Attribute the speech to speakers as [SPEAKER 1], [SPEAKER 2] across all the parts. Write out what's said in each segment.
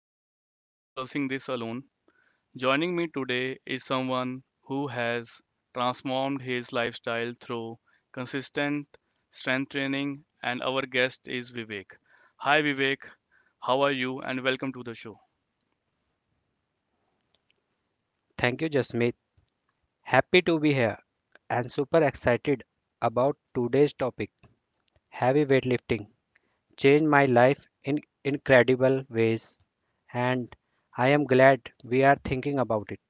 [SPEAKER 1] but I'm not discussing this alone. Joining me today is someone who has transformed his lifestyle through consistent strength training, and our guest is Vivek. Hi, Vivek. How are you? And welcome to the show.
[SPEAKER 2] Thank you, Jasmeet. Happy to be here and super excited about today's topic heavy weightlifting. Changed my life in incredible ways, and I am glad we are thinking about it.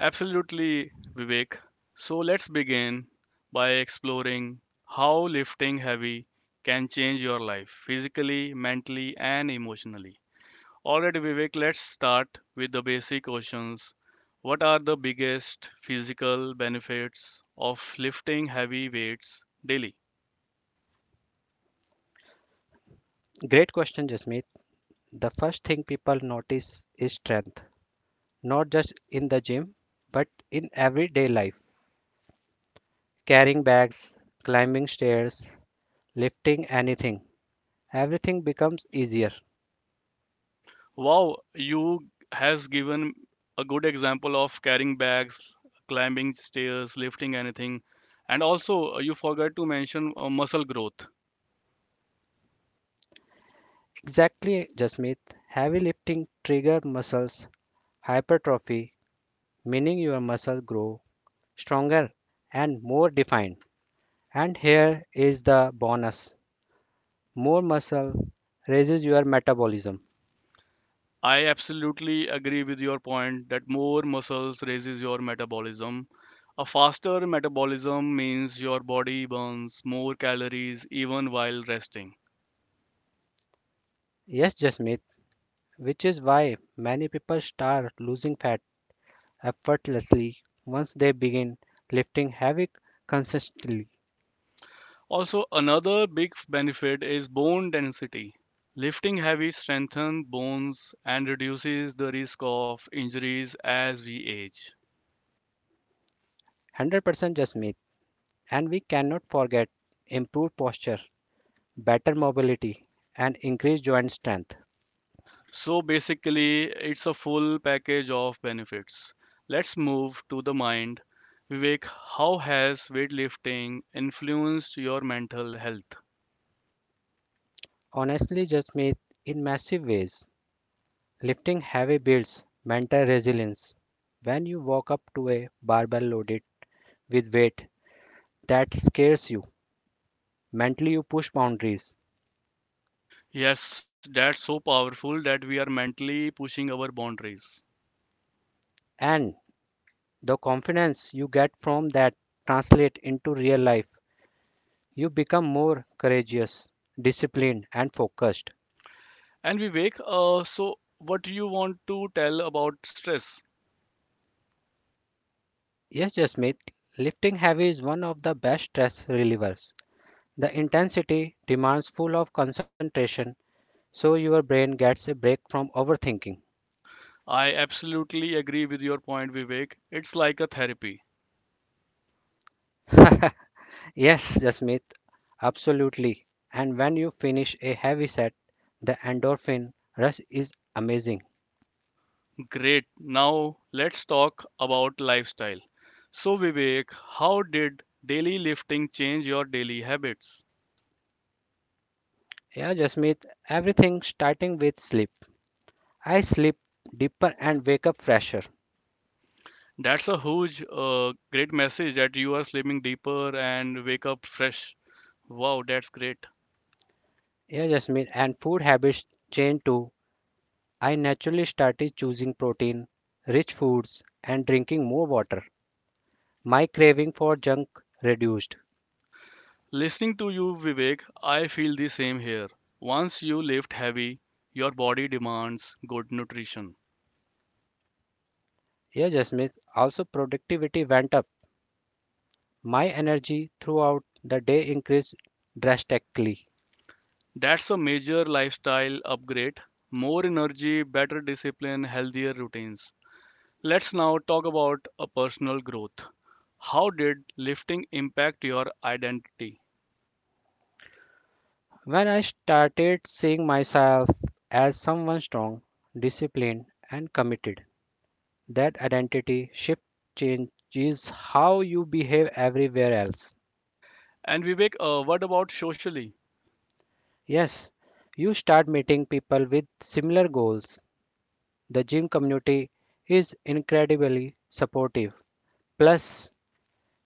[SPEAKER 1] Absolutely, Vivek. So, let's begin by exploring how lifting heavy can change your life physically, mentally, and emotionally. All right, Vivek, let's start with the basic questions. What are the biggest physical benefits of lifting heavy weights daily?
[SPEAKER 2] Great question, Jasmeet. The first thing people notice is strength, not just in the gym, but in everyday life. Carrying bags, climbing stairs, lifting anything, everything becomes easier.
[SPEAKER 1] Wow, you has given a good example of carrying bags, climbing stairs, lifting anything, and also you forgot to mention muscle growth.
[SPEAKER 2] Exactly, Jasmeet. Heavy lifting trigger muscles hypertrophy, meaning your muscle grow stronger and more defined. And here is the bonus. More muscle raises your metabolism.
[SPEAKER 1] I absolutely agree with your point that more muscles raises your metabolism. A faster metabolism means your body burns more calories even while resting.
[SPEAKER 2] Yes, Jasmeet, which is why many people start losing fat effortlessly once they begin lifting heavy consistently.
[SPEAKER 1] Also, another big benefit is bone density. Lifting heavy strengthens bones and reduces the risk of injuries as we age.
[SPEAKER 2] 100% Jasmeet. And we cannot forget improved posture, better mobility, and increased joint strength.
[SPEAKER 1] So basically, it's a full package of benefits. Let's move to the mind. Vivek, how has weightlifting influenced your mental health?
[SPEAKER 2] Honestly, Jasmeet, in massive ways. Lifting heavy builds mental resilience. When you walk up to a barbell loaded with weight that scares you, mentally you push boundaries.
[SPEAKER 1] Yes, that's so powerful that we are mentally pushing our boundaries.
[SPEAKER 2] And the confidence you get from that translates into real life. You become more courageous, disciplined and focused.
[SPEAKER 1] And Vivek, so what do you want to tell about stress?
[SPEAKER 2] Yes, Jasmeet, lifting heavy is one of the best stress relievers. The intensity demands full of concentration so your brain gets a break from overthinking.
[SPEAKER 1] I absolutely agree with your point, Vivek. It's like a therapy.
[SPEAKER 2] Yes, Jasmeet, absolutely. And when you finish a heavy set, the endorphin rush is amazing.
[SPEAKER 1] Great. Now let's talk about lifestyle. So, Vivek, how did daily lifting change your daily habits?
[SPEAKER 2] Yeah, Jasmeet, everything starting with sleep. I sleep deeper and wake up fresher.
[SPEAKER 1] That's a huge, great message that you are sleeping deeper and wake up fresh. Wow, that's great.
[SPEAKER 2] Yeah, Jasmeet, and food habits change too. I naturally started choosing protein, rich foods, and drinking more water. My craving for junk reduced.
[SPEAKER 1] Listening to you, Vivek, I feel the same here. Once you lift heavy, your body demands good nutrition.
[SPEAKER 2] Yeah, Jasmeet, also productivity went up. My energy throughout the day increased drastically.
[SPEAKER 1] That's a major lifestyle upgrade. More energy, better discipline, healthier routines. Let's now talk about a personal growth. How did lifting impact your identity?
[SPEAKER 2] When I started seeing myself as someone strong, disciplined, and committed, that identity shift changes how you behave everywhere else.
[SPEAKER 1] And Vivek, what about socially?
[SPEAKER 2] Yes, you start meeting people with similar goals. The gym community is incredibly supportive. Plus,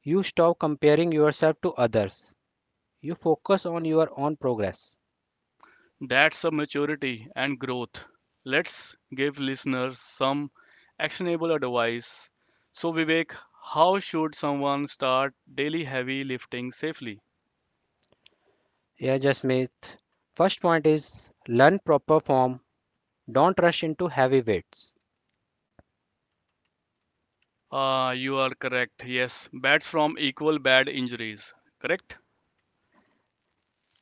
[SPEAKER 2] you stop comparing yourself to others. You focus on your own progress.
[SPEAKER 1] That's a maturity and growth. Let's give listeners some actionable advice. So, Vivek, how should someone start daily heavy lifting safely?
[SPEAKER 2] Yeah, Jasmeet. First point is learn proper form. Don't rush into heavy weights.
[SPEAKER 1] Ah, you are correct. Yes, bats from equal bad injuries. Correct?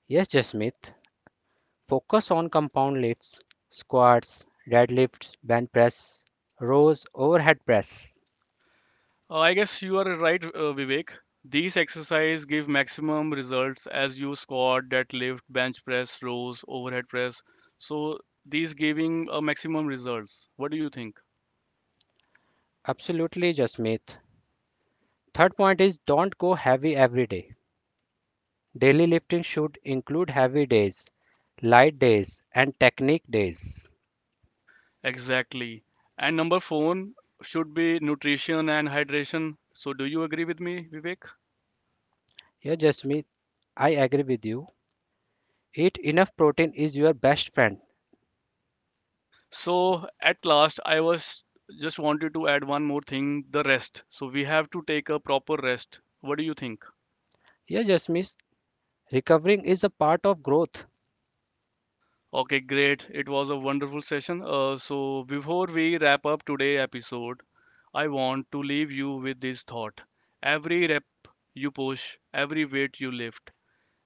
[SPEAKER 2] Yes, Jasmeet, focus on compound lifts, squats, deadlifts, bench press, rows, overhead press.
[SPEAKER 1] I guess you are right, Vivek. These exercises give maximum results as you squat, deadlift, bench press, rows, overhead press. So these giving a maximum results. What do you think?
[SPEAKER 2] Absolutely, Jasmeet. Third point is don't go heavy every day. Daily lifting should include heavy days, light days, and technique days.
[SPEAKER 1] Exactly. And number four should be nutrition and hydration. So do you agree with me, Vivek?
[SPEAKER 2] Yeah, Jasmeet, I agree with you. Eat enough protein is your best friend.
[SPEAKER 1] So at last, I was just wanted to add one more thing, the rest. So we have to take a proper rest. What do you think?
[SPEAKER 2] Yeah, Jasmeet, recovering is a part of growth.
[SPEAKER 1] Okay, great. It was a wonderful session. So, before we wrap up today's episode, I want to leave you with this thought. Every rep you push, every weight you lift,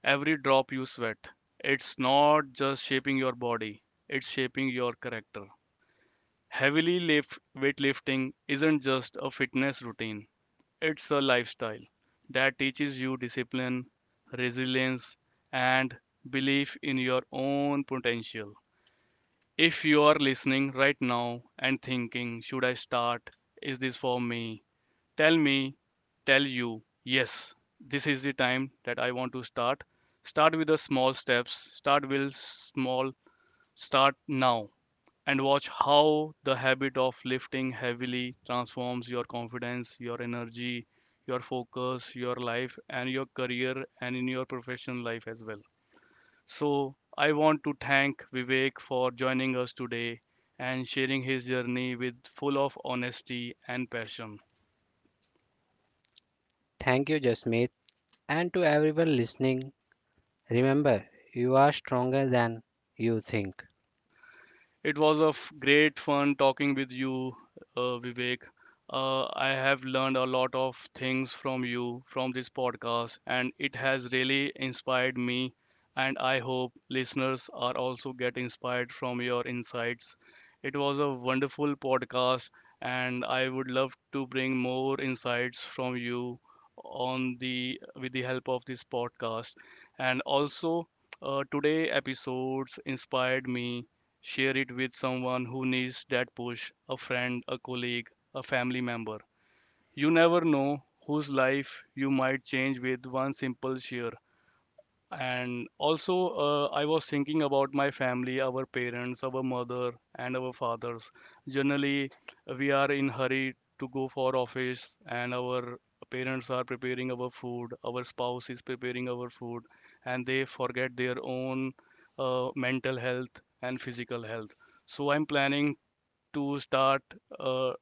[SPEAKER 1] every drop you sweat, it's not just shaping your body, it's shaping your character. Heavily lift, weightlifting isn't just a fitness routine, it's a lifestyle that teaches you discipline, resilience, and belief in your own potential. If you are listening right now and thinking, should I start? Is this for me? Tell me, tell you, yes, this is the time that I want to start. Start with the small steps, start with small, start now, and watch how the habit of lifting heavily transforms your confidence, your energy, your focus, your life, and your career, and in your professional life as well. So, I want to thank Vivek for joining us today and sharing his journey with full of honesty and passion.
[SPEAKER 2] Thank you, Jasmeet, and to everyone listening. Remember, you are stronger than you think.
[SPEAKER 1] It was a great fun talking with you, Vivek. I have learned a lot of things from you from this podcast, and it has really inspired me. And I hope listeners are also get inspired from your insights. It was a wonderful podcast, and I would love to bring more insights from you on the with the help of this podcast. And also, today episodes inspired me. Share it with someone who needs that push a friend, a colleague, a family member. You never know whose life you might change with one simple share. And also, I was thinking about my family, our parents, our mother, and our fathers. Generally, we are in hurry to go for office, and our parents are preparing our food, our spouse is preparing our food, and they forget their own mental health and physical health. So I'm planning to start uh, uh,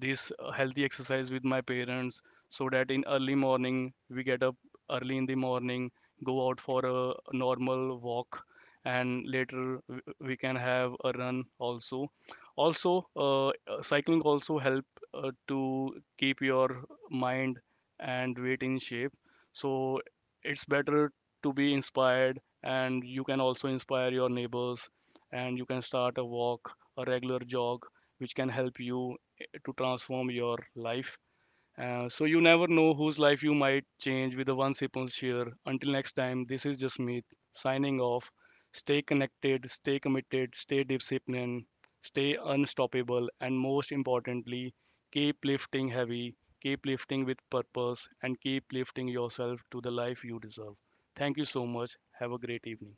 [SPEAKER 1] this healthy exercise with my parents so that in early morning we get up early in the morning, go out for a normal walk, and later we can have a run also, also cycling also help to keep your mind and weight in shape, so it's better to be inspired and you can also inspire your neighbors, and you can start a walk, a regular jog, which can help you to transform your life. So you never know whose life you might change with the one simple share. Until next time, this is Jasmeet signing off. Stay connected, stay committed, stay disciplined, stay unstoppable, and most importantly, keep lifting heavy, keep lifting with purpose, and keep lifting yourself to the life you deserve. Thank you so much. Have a great evening.